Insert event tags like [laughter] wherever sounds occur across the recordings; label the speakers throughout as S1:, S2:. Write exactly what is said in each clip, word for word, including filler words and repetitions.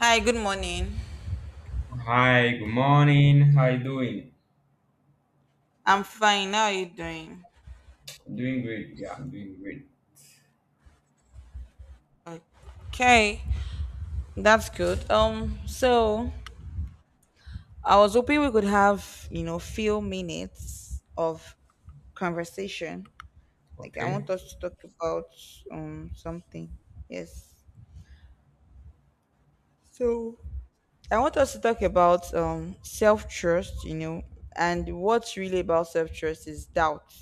S1: Hi, good morning.
S2: Hi, good morning. How you doing?
S1: I'm fine. How are you doing?
S2: I'm doing great. Yeah, I'm doing great.
S1: Okay, that's good. Um, so I was hoping we could have, you know, few minutes of conversation. Like I want
S2: Okay.
S1: us to talk about um something. Yes. So I want us to talk about um self trust, you know, and what's really about self trust is doubt.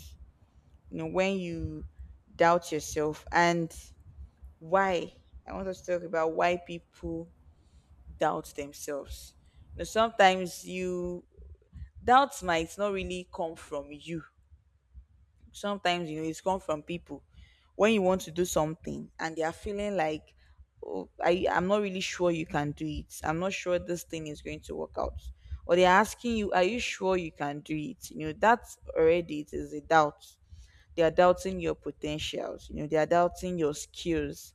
S1: You know, when you doubt yourself, and why. I want us to talk about why people doubt themselves. You know, sometimes you doubts might not really come from you. Sometimes you know it's come from people when you want to do something and they are feeling like, oh, I I'm not really sure you can do it. I'm not sure this thing is going to work out. Or they're asking you, are you sure you can do it? You know, that's already it is a doubt. They are doubting your potentials. You know, they are doubting your skills.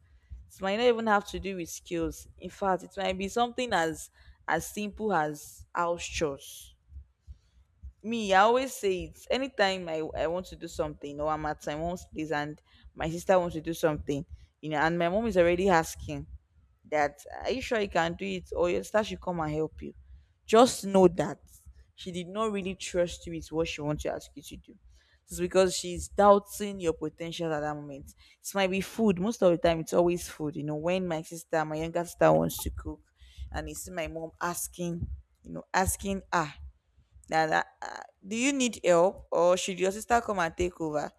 S1: It might not even have to do with skills. In fact, it might be something as as simple as house chores. Me, I always say it anytime I, I want to do something, or I'm at my mom's place and my sister wants to do something, you know, and my mom is already asking that are you sure you can do it, or your sister should come and help you. Just know that she did not really trust you with what she wants to ask you to do. It's because she's doubting your potential at that moment. It might be food. Most of the time it's always food. You know when my sister my younger sister wants to cook and you see my mom asking, you know asking ah that, that ah, do you need help, or should your sister come and take over.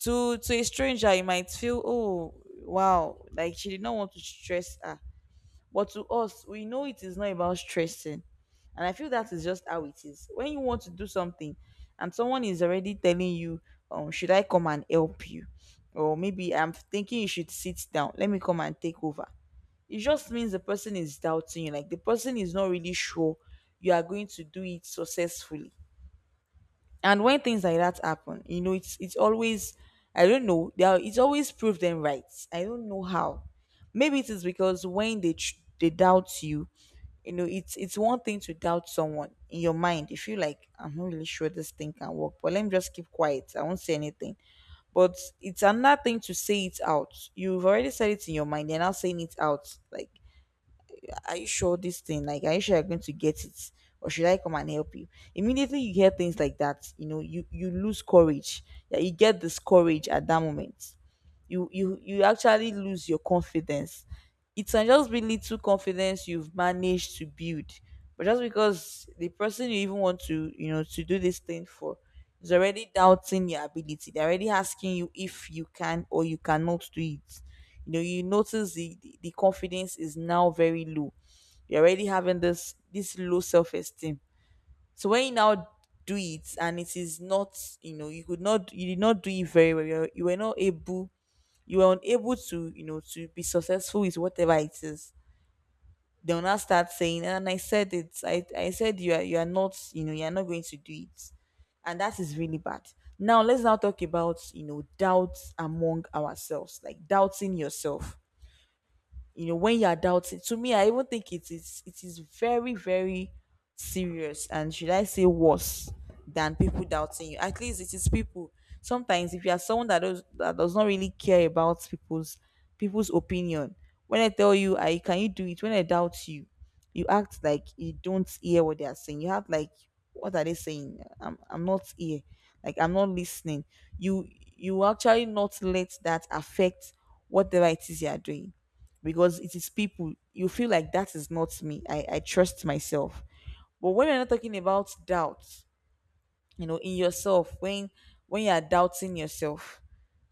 S1: To to a stranger you might feel, oh, wow, like she did not want to stress her, but to us, we know it is not about stressing. And I feel that is just how it is. When you want to do something and someone is already telling you, um, should I come and help you? Or maybe I'm thinking you should sit down. Let me come and take over. It just means the person is doubting you. Like the person is not really sure you are going to do it successfully. And when things like that happen, you know, it's it's always I don't know. They are, it's always prove them right. I don't know how. Maybe it is because when they tr- they doubt you, you know, it's it's one thing to doubt someone in your mind. If you like I'm not really sure this thing can work, but let me just keep quiet. I won't say anything. But it's another thing to say it out. You've already said it in your mind. You're now saying it out. Like, are you sure this thing, like, are you sure you're going to get it, or should I come and help you? Immediately you hear things like that, you know you you lose courage. Yeah, you get discouraged at that moment. You you you actually lose your confidence. It can just be little confidence you've managed to build, but just because the person you even want to, you know to do this thing for, is already doubting your ability. They're already asking you if you can or you cannot do it. You know you notice the, the the confidence is now very low. You're already having this this low self-esteem. So when you now do it and it is not, you know you could not, you did not do it very well, you're, you were not able, you were unable to, you know to be successful with whatever it is. They'll now start saying, and I said it, i, I said you are, you are not, you know you're not going to do it. And that is really bad. Now let's now talk about, you know doubts among ourselves, like doubting yourself. You know when you're doubting, to me I even think it is it is very very serious, and should I say worse than people doubting you. At least it is people. Sometimes if you are someone that does, that does not really care about people's people's opinion. When I tell you I can, you do it. When I doubt you, you act like you don't hear what they are saying. You have like, what are they saying? I'm, I'm not here, like I'm not listening. You you actually not let that affect whatever it is you are doing, because it is people. You feel like, that is not me, i i trust myself. But when we're not talking about doubt, you know in yourself, when when you are doubting yourself,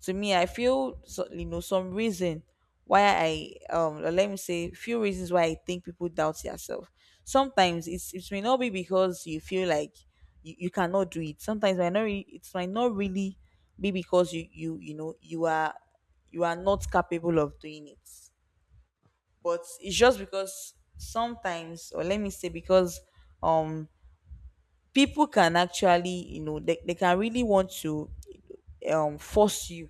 S1: to me I feel so, you know some reason why i um, or let me say, few reasons why I think people doubt yourself. Sometimes it's it may not be because you feel like you, you cannot do it. Sometimes might not really, it might not really be because you you, you know you are, you are not capable of doing it. But it's just because sometimes, or let me say, because um people can actually, you know they, they can really want to um force you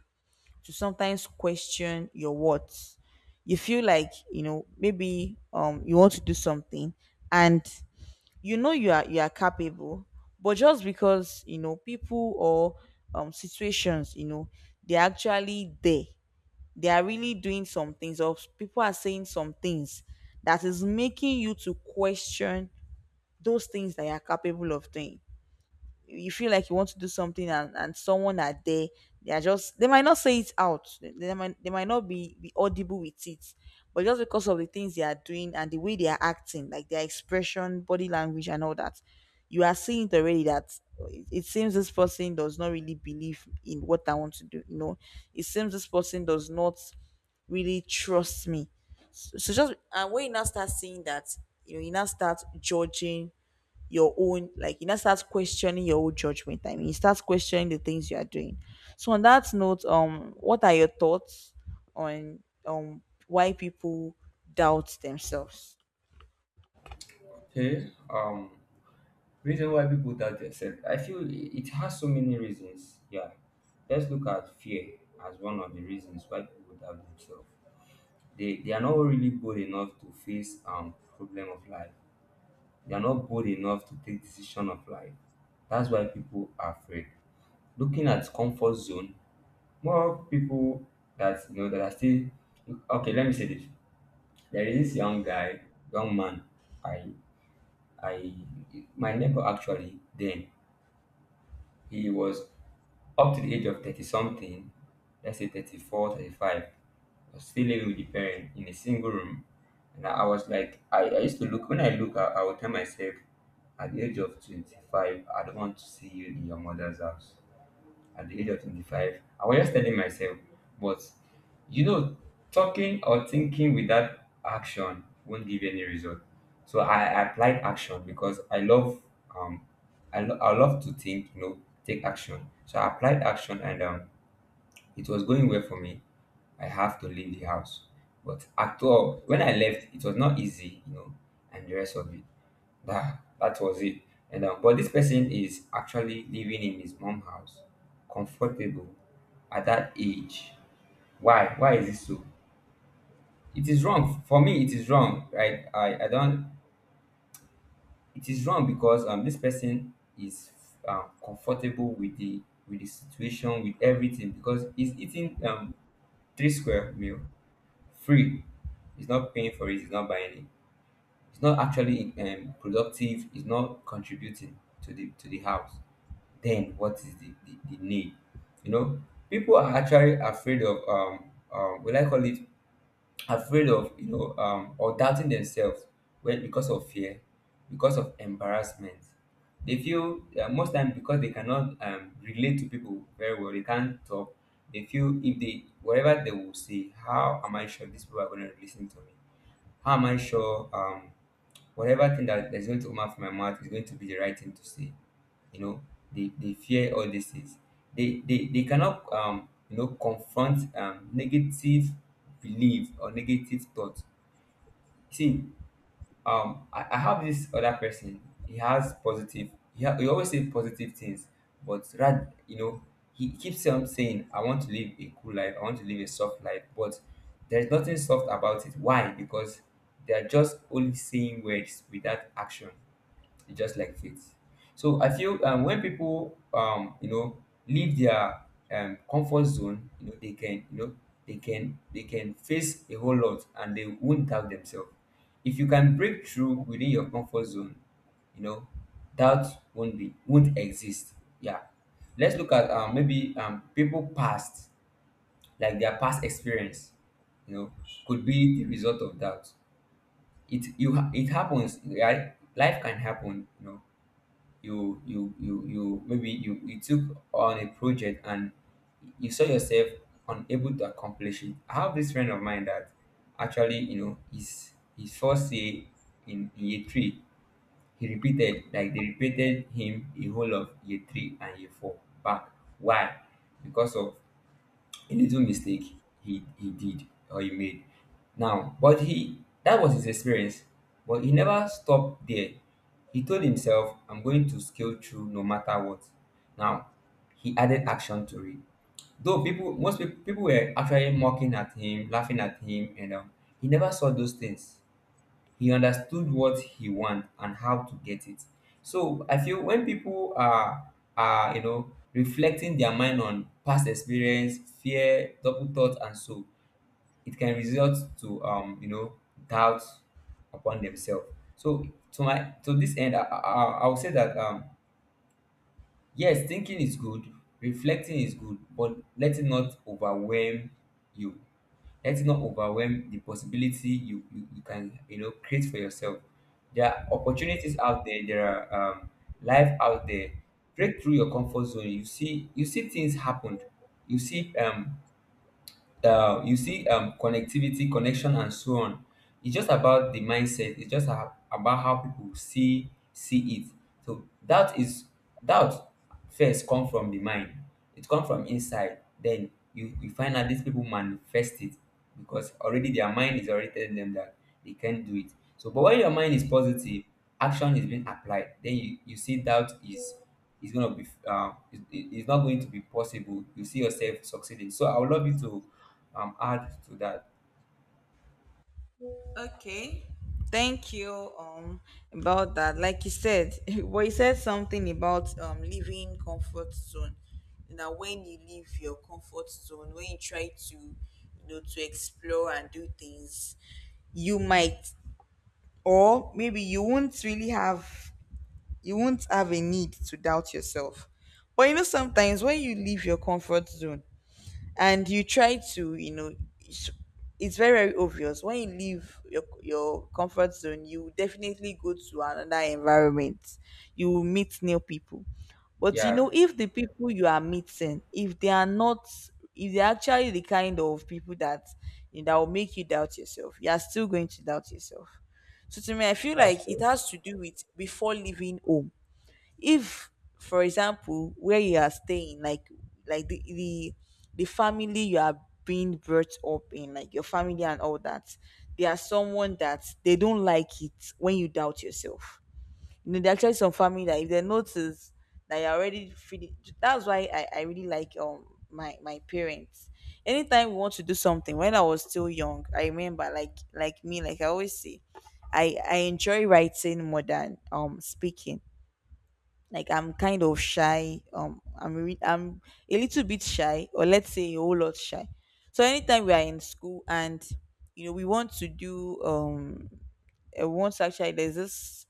S1: to sometimes question your words. You feel like you know maybe um you want to do something, and you know you are you are capable, but just because you know people, or um situations, you know they're actually there. They are really doing some things, or people are saying some things, that is making you to question those things that you're capable of doing. You feel like you want to do something, and, and someone are there. They are just, they might not say it out. They, they might, they might not be, be audible with it, but just because of the things they are doing and the way they are acting, like their expression, body language and all that, you are seeing it already that it, it seems this person does not really believe in what I want to do, you know. It seems this person does not really trust me. So, so, just, and when you now start seeing that, you know you now start judging your own, like you know start questioning your own judgment. I mean, you start questioning the things you are doing. So on that note, um what are your thoughts on, um why people doubt themselves.
S2: Okay. Um, reason why people doubt themselves. I feel i- it has so many reasons. Yeah. Let's look at fear as one of the reasons why people doubt themselves. They they are not really bold enough to face um problem of life. They are not bold enough to take decision of life. That's why people are afraid. Looking at comfort zone, more people that you know that are still okay. Let me say this. There is this young guy, young man. I, I, my neighbor actually. Then he was up to the age of thirty something. Let's say thirty four, thirty five, was still living with the parent in a single room, and I, I was like, I, I used to look when I look, I, I would tell myself, at the age of twenty-five, I don't want to see you in your mother's house at the age of twenty-five. I was just telling myself, but you know, talking or thinking without action won't give any result. So I applied action because I love um I, lo- I love to think, you know, take action. So I applied action, and um it was going well for me. I have to leave the house. But after all, when I left, it was not easy, you know, and the rest of it. That, that was it. And uh, but this person is actually living in his mom house, comfortable at that age. Why? Why is this so? It is wrong for me. It is wrong, right? I I don't. It is wrong because um this person is um, comfortable with the with the situation with everything because he's eating um three square meal free. He's not paying for it. He's not buying it. He's not actually um, productive. He's not contributing to the to the house. Then what is the, the, the need? You know, people are actually afraid of um um will I call it afraid of you know um or doubting themselves, well, because of fear, because of embarrassment. They feel uh, most time because they cannot um, relate to people very well. They can't talk. They feel if they whatever they will say, how am I sure these people are going to listen to me? How am I sure? Um, whatever thing that is going to come out from my mouth is going to be the right thing to say. You know, they, they fear all these things. They they, they cannot um you know confront um negative belief or negative thoughts. See, um I, I have this other person. He has positive. He, ha- he always says positive things, but rad you know he keeps on saying I want to live a cool life. I want to live a soft life, but there's nothing soft about it. Why? Because they are just only saying words without action. It's just like faith. So I feel um, when people um, you know leave their um, comfort zone, you know they can you know they can they can face a whole lot and they won't doubt themselves. If you can break through within your comfort zone, you know doubt won't be won't exist. Yeah, let's look at um, maybe um, people past, like their past experience. You know could be the result of doubt. It you ha- it happens. Right? Life can happen. You know you you you you maybe you you took on a project and you saw yourself unable to accomplish it. I have this friend of mine that actually you know his his first year in in year three, he repeated like they repeated him a whole of year three and year four back. Why? Because of a little mistake he he did or he made. Now, but he that was his experience, but he never stopped there. He told himself, I'm going to scale through no matter what. Now he added action to it. Though people, most people, people were actually mocking at him, laughing at him, and um, he never saw those things. He understood what he want and how to get it. So I feel when people are are you know reflecting their mind on past experience, fear, double thoughts, and so, it can result to um you know doubt upon themselves. So, to my to this end, i i, I I would say that um yes, thinking is good, reflecting is good, but let it not overwhelm you. Let it not overwhelm the possibility you, you, you can you know create for yourself. There are opportunities out there, there are um, life out there. Break through your comfort zone. You see you see things happened. You see um uh, you see um, connectivity, connection, and so on. It's just about the mindset. It's just a, about how people see see it. So that is that first come from the mind. It comes from inside. Then you, you find out these people manifest it because already their mind is already telling them that they can't do it. So, but when your mind is positive, action is being applied, then you, you see doubt is is going to be um is, is not going to be possible. You see yourself succeeding. So I would love you to um add to that.
S1: Okay. Thank you um about that. Like you said, [laughs] well, you said something about um leaving comfort zone. Now when you leave your comfort zone, when you try to, you know to explore and do things, you might, or maybe you won't really have, you won't have a need to doubt yourself. But you know sometimes when you leave your comfort zone, and you try to, you know it's it's very very obvious. When you leave your, your comfort zone, you definitely go to another environment. You will meet new people. But you know
S2: Yeah,
S1: if the people you are meeting, if they are not, if they're actually the kind of people that, you know, that will make you doubt yourself, you are still going to doubt yourself. So to me, I feel
S2: that's
S1: like it
S2: true.
S1: has to do with before leaving home. If, for example, where you are staying, like like the the, the family you are being brought up in, like your family and all that, they are someone that they don't like it when you doubt yourself. You know, there are actually some family that, if they notice that you're already feeling, that's why I, I really like um my my parents. Anytime we want to do something, when I was still young, I remember, like like me, like I always say, I I enjoy writing more than um speaking. Like I'm kind of shy. Um, I'm re- I'm a little bit shy, or let's say a whole lot shy. So anytime we are in school and you know we want to do um uh, once actually there's this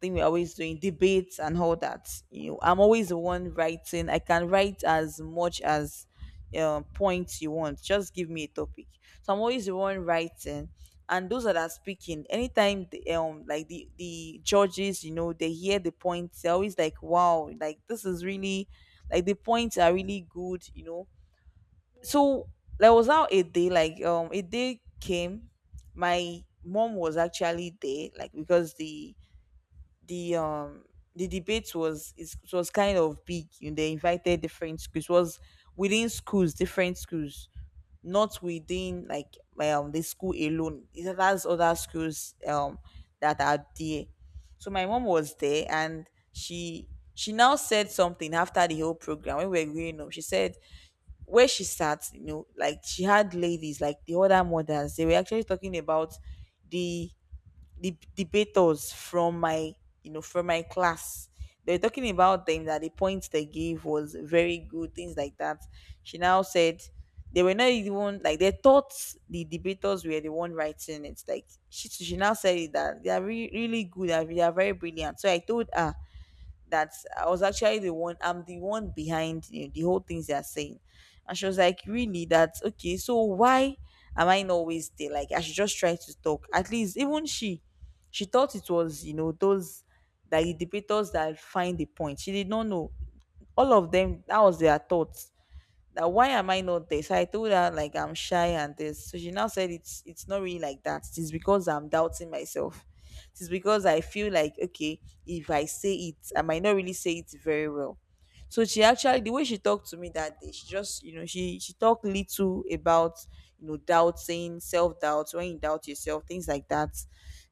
S1: thing we're always doing debates and all that. You know I'm always the one writing. I can write as much as uh, points you want. Just give me a topic, so I'm always the one writing. And those that are speaking, anytime the, um like the the judges, you know, they hear the points, they're always like, wow, like this is really, like the points are really good, you know. So there was now a day, like um a day came. My mom was actually there, like because the the um the debate was is- it was kind of big. You know, they invited different schools. It was within schools, different schools, not within like um the school alone. It has other schools um that are there. So my mom was there, and she she now said something after the whole program. When we were growing up, she said, where she sat, you know, like she had ladies, like the other mothers, they were actually talking about the the debaters from my, you know from my class. They were talking about them, that the points they gave was very good, things like that. She now said they were not even, like, they thought the debaters were the one writing it. Like she she now said it that they are re- really good, they they are very brilliant. So I told her that I was actually the one, I'm the one behind, you know, the whole things they are saying. And she was like, really? That's okay, so why am I not always there? Like I should just try to talk. At least, even she she thought it was, you know, those, that the debaters that find the point. She did not know. All of them, that was their thoughts, that why am I not this? I told her, like, I'm shy and this. So she now said it's it's not really like that. It's because I'm doubting myself. It's because I feel like, okay, if I say it, I might not really say it very well. So she actually, the way she talked to me that day, she just, you know, she she talked little about, you know, doubting, self doubt, when you doubt yourself, things like that.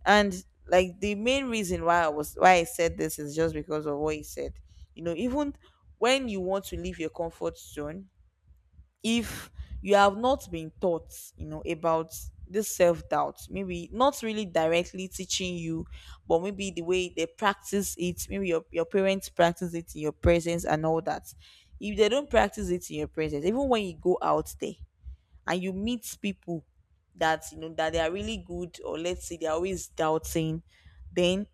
S1: And like the main reason why I was, why I said this is just because of what he said. You know, even when you want to leave your comfort zone, if you have not been taught, you know, about this self doubt, maybe not really directly teaching you, but maybe the way they practice it, maybe your, your parents practice it in your presence and all that. If they don't practice it in your presence, even when you go out there and you meet people that, you know, that they are really good, or let's say they're always doubting, then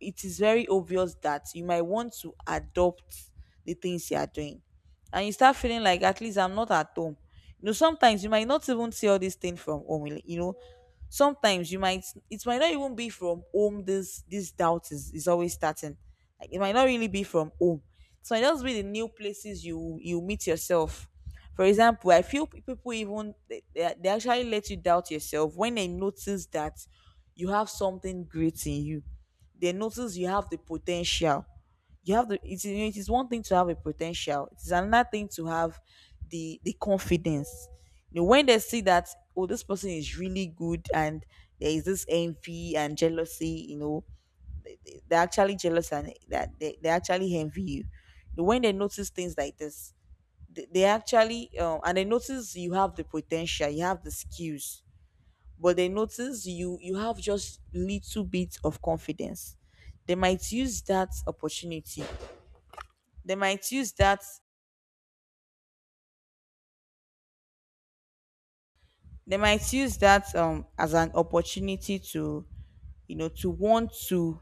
S1: it is very obvious that you might want to adopt the things you are doing, and you start feeling like, at least I'm not at home. You know, sometimes you might not even see all this thing from home, really. You know, sometimes you might, it might not even be from home. This this doubt is, is always starting, like, it might not really be from home. So it might just be the new places you you meet yourself. For example, I feel pe- people even, they, they they actually let you doubt yourself when they notice that you have something great in you. They notice you have the potential, you have the, it is, it is one thing to have a potential, it is another thing to have the the confidence. You know, when they see that, oh, this person is really good, and there is this envy and jealousy, you know. They're actually jealous, and that they, they actually envy you. You know, when they notice things like this, they, they actually um, and they notice you have the potential, you have the skills, but they notice you you have just little bit of confidence. They might use that opportunity, they might use that, they might use that um as an opportunity to, you know, to want to,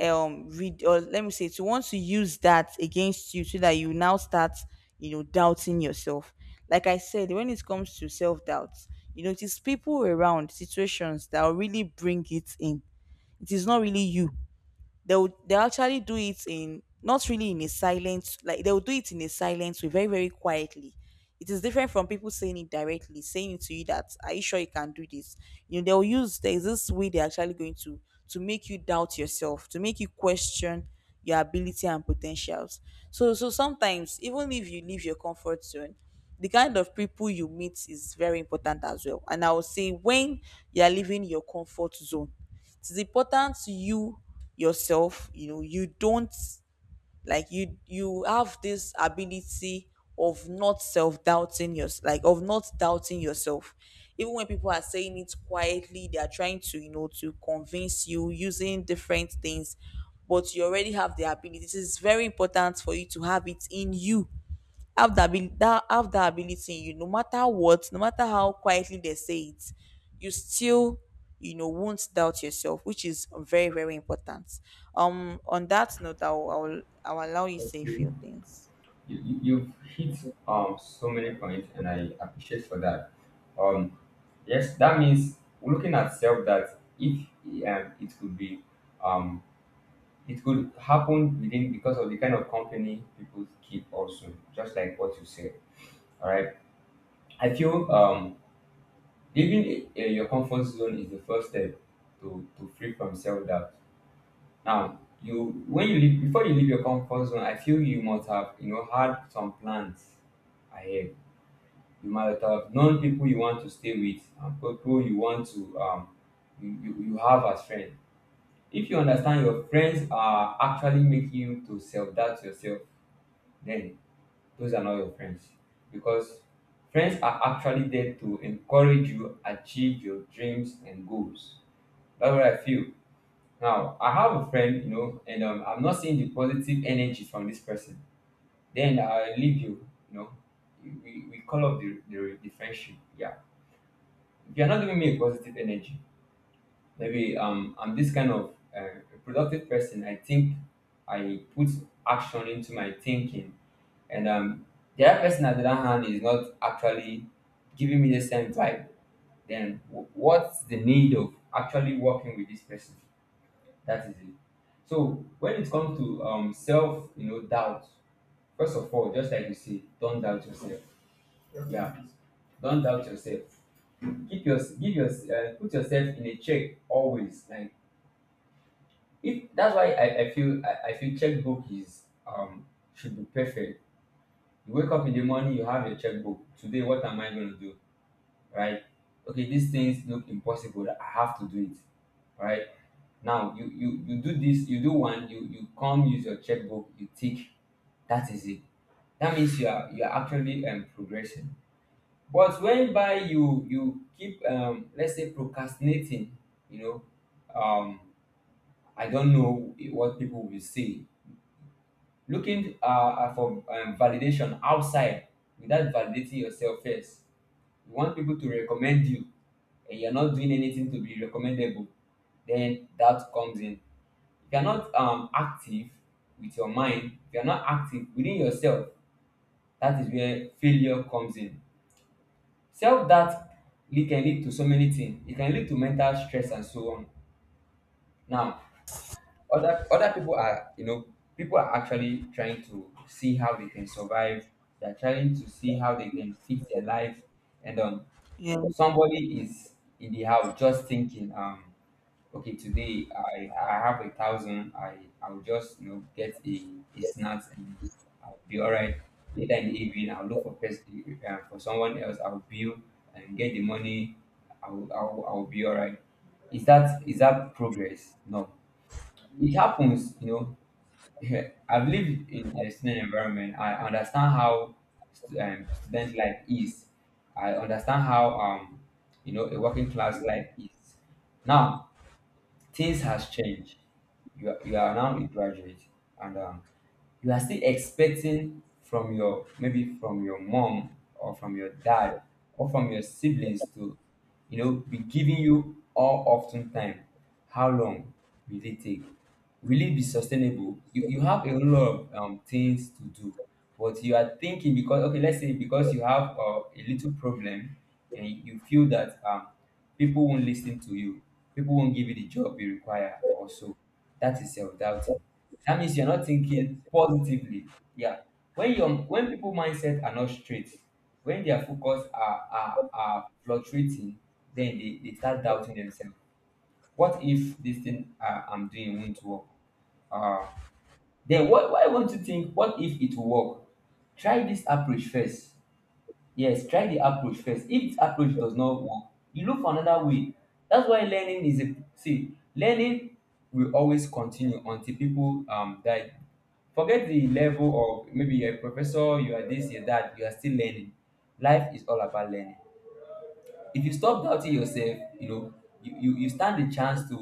S1: um read, or let me say, to want to use that against you so that you now start, you know, doubting yourself. Like I said, when it comes to self-doubt, you know, it is people around, situations that will really bring it in. It is not really you. They would, they actually do it in, not really in a silent, like, they will do it in a silent way, very very quietly. It is different from people saying it directly, saying it to you, that are you sure you can do this. You know, they'll use, there's this way they're actually going to to make you doubt yourself, to make you question your ability and potentials. So, so sometimes even if you leave your comfort zone, the kind of people you meet is very important as well. And I would say when you're leaving your comfort zone, it is important to you yourself, you know, you don't, like you you have this ability of not self-doubting your, like of not doubting yourself, even when people are saying it quietly, they are trying to, you know, to convince you using different things. But you already have the ability. It is very important for you to have it in you, have that ability, that have that ability in you, no matter what, no matter how quietly they say it, you still, you know, won't doubt yourself, which is very very important. um on that note, i will, I will, I will allow you to
S2: Okay.
S1: say a
S2: You,
S1: few things.
S2: you- you've hit um so many points, and I appreciate for that. Um, yes, that means looking at self that if um it could be, um it could happen within because of the kind of company people keep also, just like what you said. All right. I feel um, leaving uh, your comfort zone is the first step to, to free from self doubt. Now, you when you leave before you leave your comfort zone, I feel you must have you know had some plans ahead. You might have known people you want to stay with and people you want to um, you, you, you have as friends. If you understand your friends are actually making you to self doubt yourself, then those are not your friends. Because friends are actually there to encourage you achieve your dreams and goals. That's what I feel. Now, I have a friend, you know, and um, I'm not seeing the positive energy from this person. Then I leave you, you know. We, we call up the, the, the friendship. Yeah. If you're not giving me a positive energy, maybe um I'm this kind of uh, a productive person. I think I put action into my thinking. And um, the other person at the other hand is not actually giving me the same vibe. Then w- what's the need of actually working with this person? That is it. So when it comes to um self, you know, doubt. First of all, just like you say, don't doubt yourself. Yeah, don't doubt yourself. Keep your give your uh, put yourself in a check always. Like if that's why I, I feel I, I feel checkbook is um should be perfect. You wake up in the morning, you have your checkbook. Today, what am I going to do? Right? Okay, these things look impossible, that I have to do it, right? Now, you you you do this, you do one, you you come, use your checkbook, you tick. That is it. That means you are you are actually um, progressing. But when by you you keep um, let's say procrastinating, you know, um, I don't know what people will say. Looking uh, for um, validation outside without validating yourself first, you want people to recommend you, and you're not doing anything to be recommendable, then that comes in. If you're not um, active with your mind, if you're not active within yourself, that is where failure comes in. Self doubt, it can lead to so many things. It can lead to mental stress and so on. Now, other other people are, you know, people are actually trying to see how they can survive. They're trying to see how they can fix their life, and um
S1: Yeah.
S2: somebody is in the house just thinking, um okay, today, i i have a thousand. i I'll just you know get a, a snacks, and I'll be all right. Later in the evening, I'll look for pers- uh, for someone else, I'll bill and get the money. i'll i'll, I'll be all right. Is that is that progress? No. It happens you know [laughs] Yeah, I've lived in, in a student environment. I understand how st- um, student life is. I understand how um you know a working class life is. Now, things has changed. You are, you are now a graduate, and um, you are still expecting from your, maybe from your mom or from your dad or from your siblings to you know be giving you all often time. How long will it take? Will it be sustainable? You, you have a whole lot of um, things to do, but you are thinking because, okay, let's say because you have uh, a little problem, and you you feel that um, people won't listen to you. People won't give you the job you require also. That is self-doubting. That means you're not thinking positively. Yeah. When your when people mindset are not straight, when their focus are are, are fluctuating, then they, they start doubting themselves. What if this thing uh, I'm doing won't work? Uh, then why, why won't you think, what if it will work? Try this approach first. Yes, try the approach first. If the approach does not work, you look for another way. That's why learning is a see, learning will always continue until people um die. Forget the level of, maybe you're a professor, you are this, you're that, you are still learning. Life is all about learning. if you stop doubting yourself, you know, you, you, you stand a chance to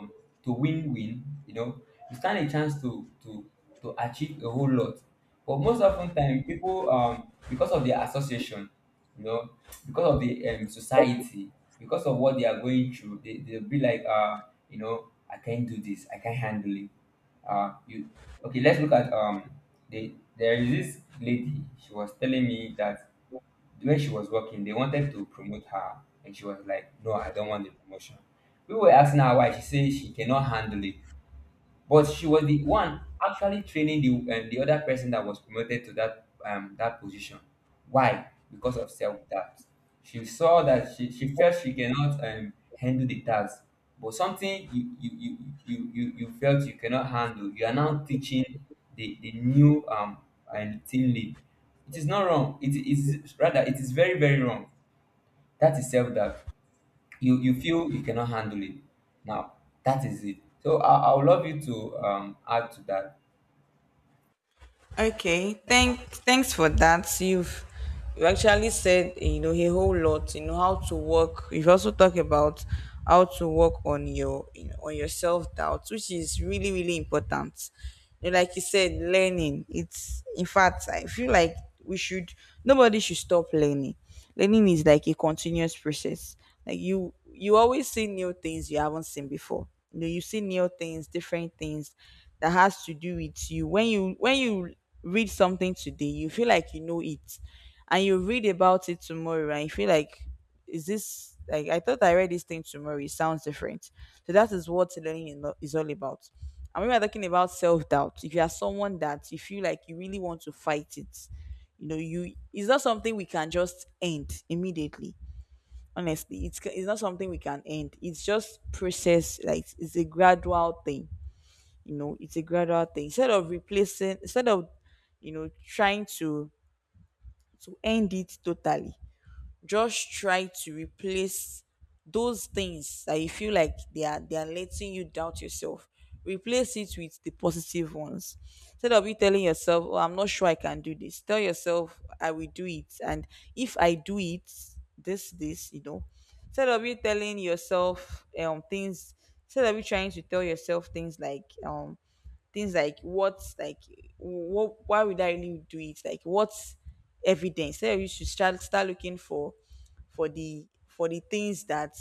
S2: um to win win, you know, you stand a chance to to to achieve a whole lot. But most often time, people, um because of their association, you know, because of the um society, because of what they are going through, they, they'll be like, uh, you know, I can't do this, I can't handle it. Uh you Okay, let's look at um the there is this lady, she was telling me that when she was working, they wanted to promote her, and she was like, "No, I don't want the promotion." We were asking her why. She said she cannot handle it, but she was the one actually training the um, the other person that was promoted to that, um that position. Why? Because of self doubt. She saw that she, she felt she cannot um, handle the task, but something you you, you you you you felt you cannot handle. You are now teaching the the new, um and team lead. It is not wrong. It is rather, it is very very wrong. That is self doubt. You you feel you cannot handle it. Now that is it. So i i would love you to um add to that.
S1: Okay, thank thanks for that. You've, you actually said, eh, you know, a whole lot. You know how to work. You've also talked about how to work on your, you know, on your self doubt, which is really really important. You know, like you said, learning. It's, in fact, I feel like we should, nobody should stop learning. Learning is like a continuous process. Like you you always see new things you haven't seen before. You know, you see new things, different things that has to do with you. When you when you read something today, you feel like you know it. And you read about it tomorrow and you feel like, is this, like, I thought I read this thing tomorrow. It sounds different. So that is what learning is not- is all about. And when we're talking about self doubt, if you are someone that you feel like you really want to fight it, you know, you, it's not something we can just end immediately. Honestly, it's, it's not something we can end. It's just process, like it's a gradual thing. You know, it's a gradual thing. Instead of replacing, instead of, you know, trying to to end it totally, just try to replace those things that you feel like they are they are letting you doubt yourself. Replace it with the positive ones. Instead of you telling yourself, oh, I'm not sure I can do this, tell yourself, I will do it, and if I do it, this, this you know. Instead of you telling yourself um things, instead of you trying to tell yourself things like um things like what's like, what, why would I really do it, like what's evidence, instead of you should start start looking for, for the for the things that,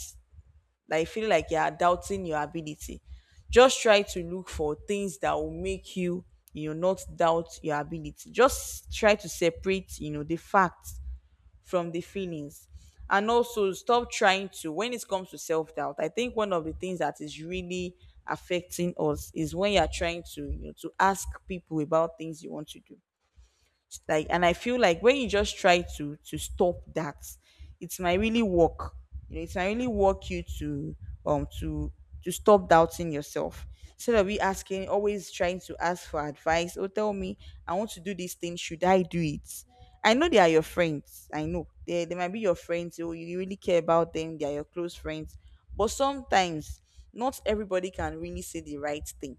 S1: like, feel like you are doubting your ability. Just try to look for things that will make you, you know, not doubt your ability. Just try to separate, you know, the facts from the feelings. And also stop trying to, when it comes to self-doubt, I think one of the things that is really affecting us is when you're trying to, you know, to ask people about things you want to do, like. And I feel like when you just try to, to stop that, it might really work. You know, it might really work you to, um to to stop doubting yourself. Instead of you asking, always trying to ask for advice or, tell me, I want to do this thing, should I do it? I know they are your friends, I know they, they might be your friends. You you really care about them, they are your close friends, but sometimes not everybody can really say the right thing.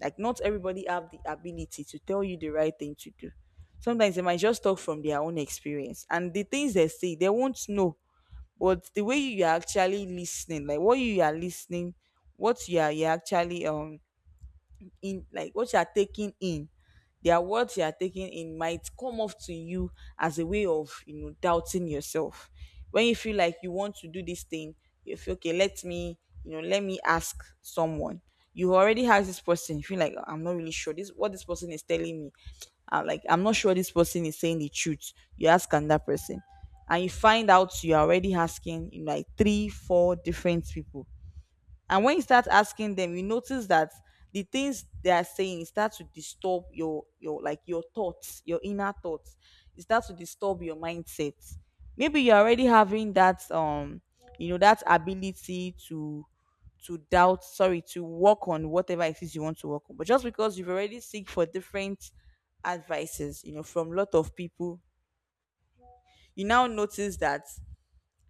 S1: Like not everybody have the ability to tell you the right thing to do. Sometimes they might just talk from their own experience, and the things they say, they won't know. But the way you are actually listening, like what you are listening, what you are you are actually um in, in like what you are taking in, their words you are taking in might come off to you as a way of, you know, doubting yourself. When you feel like you want to do this thing, you feel, okay, let me, you know, let me ask someone. You already have this person, you feel like, "Ah, I'm not really sure this, what this person is telling me, uh, like, I'm not sure this person is saying the truth." You ask another person, and you find out you're already asking, you know, like three four different people. And when you start asking them, you notice that the things they are saying start to disturb your your like your thoughts, your inner thoughts. It starts to disturb your mindset. Maybe you're already having that um you know, that ability to to doubt, sorry, to work on whatever it is you want to work on. But just because you've already seek for different advices, you know, from a lot of people, you now notice that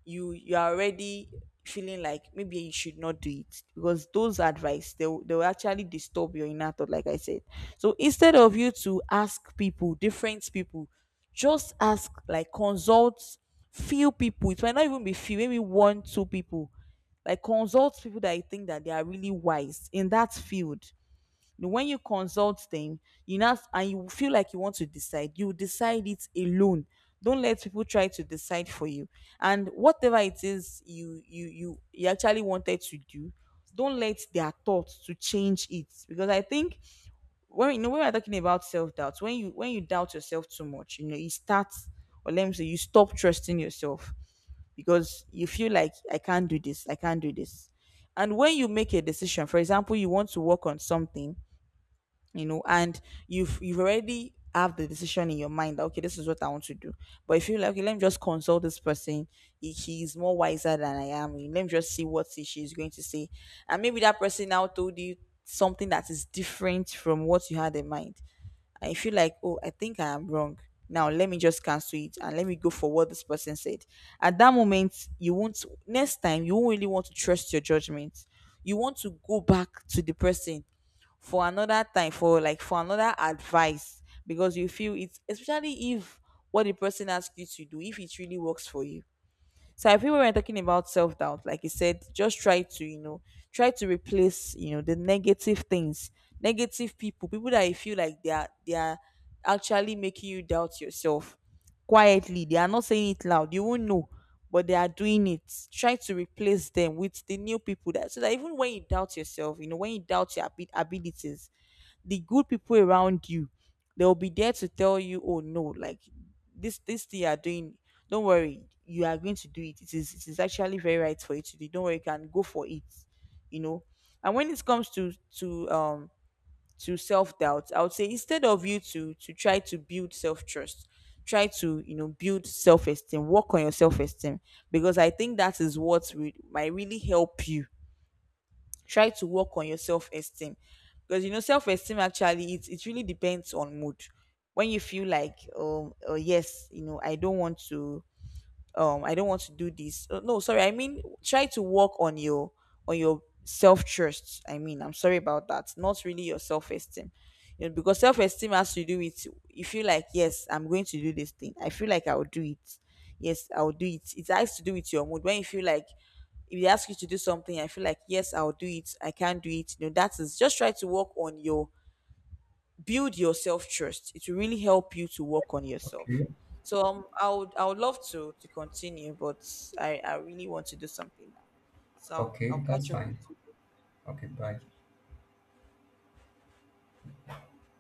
S1: you you are already feeling like maybe you should not do it because those advice they, will- they will actually disturb your inner thought like I said. So instead of you to ask people different people, just ask, like, consult few people. It might not even be few, maybe one two people, like consult people that you think that they are really wise in that field. No. When you consult them, you now and you feel like you want to decide, you decide it alone. Don't let people try to decide for you. And whatever it is you you you, you actually wanted to do, don't let their thoughts to change it. Because I think when you know when we're talking about self doubt, when you when you doubt yourself too much, you know, you start, or let me say you stop trusting yourself, because you feel like I can't do this, I can't do this. And when you make a decision, for example, you want to work on something, you know, and you've you've already have the decision in your mind that okay, this is what I want to do. But if you like, okay, let me just consult this person, he, he's more wiser than I am, let me just see what he, she's going to say. And maybe that person now told you something that is different from what you had in mind. And if you feel like, oh, I think I am wrong, now let me just cancel it and let me go for what this person said. At that moment you won't, next time you won't really want to trust your judgment. You want to go back to the person for another time, for like for another advice, because you feel it's, especially if what the person asks you to do if it really works for you. So I feel when we're talking about self-doubt, like you said, just try to, you know, try to replace, you know, the negative things, negative people, people that you feel like they are they are actually making you doubt yourself quietly. They are not saying it loud, you won't know, but they are doing it. Try to replace them with the new people, that so that even when you doubt yourself, you know, when you doubt your abi- abilities, the good people around you, they'll be there to tell you, oh no, like this this thing you're doing, don't worry, you are going to do it. It is it is actually very right for you to do. Don't worry, you can go for it, you know. And when it comes to to um to self-doubt, I would say instead of you to to try to build self-trust, try to, you know, build self-esteem, work on your self-esteem, because I think that is what re- might really help you. Try to work on your self-esteem, because you know, self-esteem actually, it, it really depends on mood. When you feel like um oh yes, you know, I don't want to, um I don't want to do this. Uh, no sorry, I mean try to work on your on your self-trust. I mean, I'm sorry about that, not really your self-esteem. You know, because self-esteem has to do with you feel like yes, I'm going to do this thing, I feel like I'll do it, yes, I'll do it. It has to do with your mood. When you feel like if they ask you to do something, I feel like yes, I'll do it. I can do it. You know, that is just try to work on your, build your self trust. It will really help you to work on yourself.
S2: Okay.
S1: So um, I would I would love to to continue, but I I really want to do something now. So I'll, I'll
S2: Okay, that's
S1: catch up with
S2: fine.
S1: you.
S2: Okay, bye.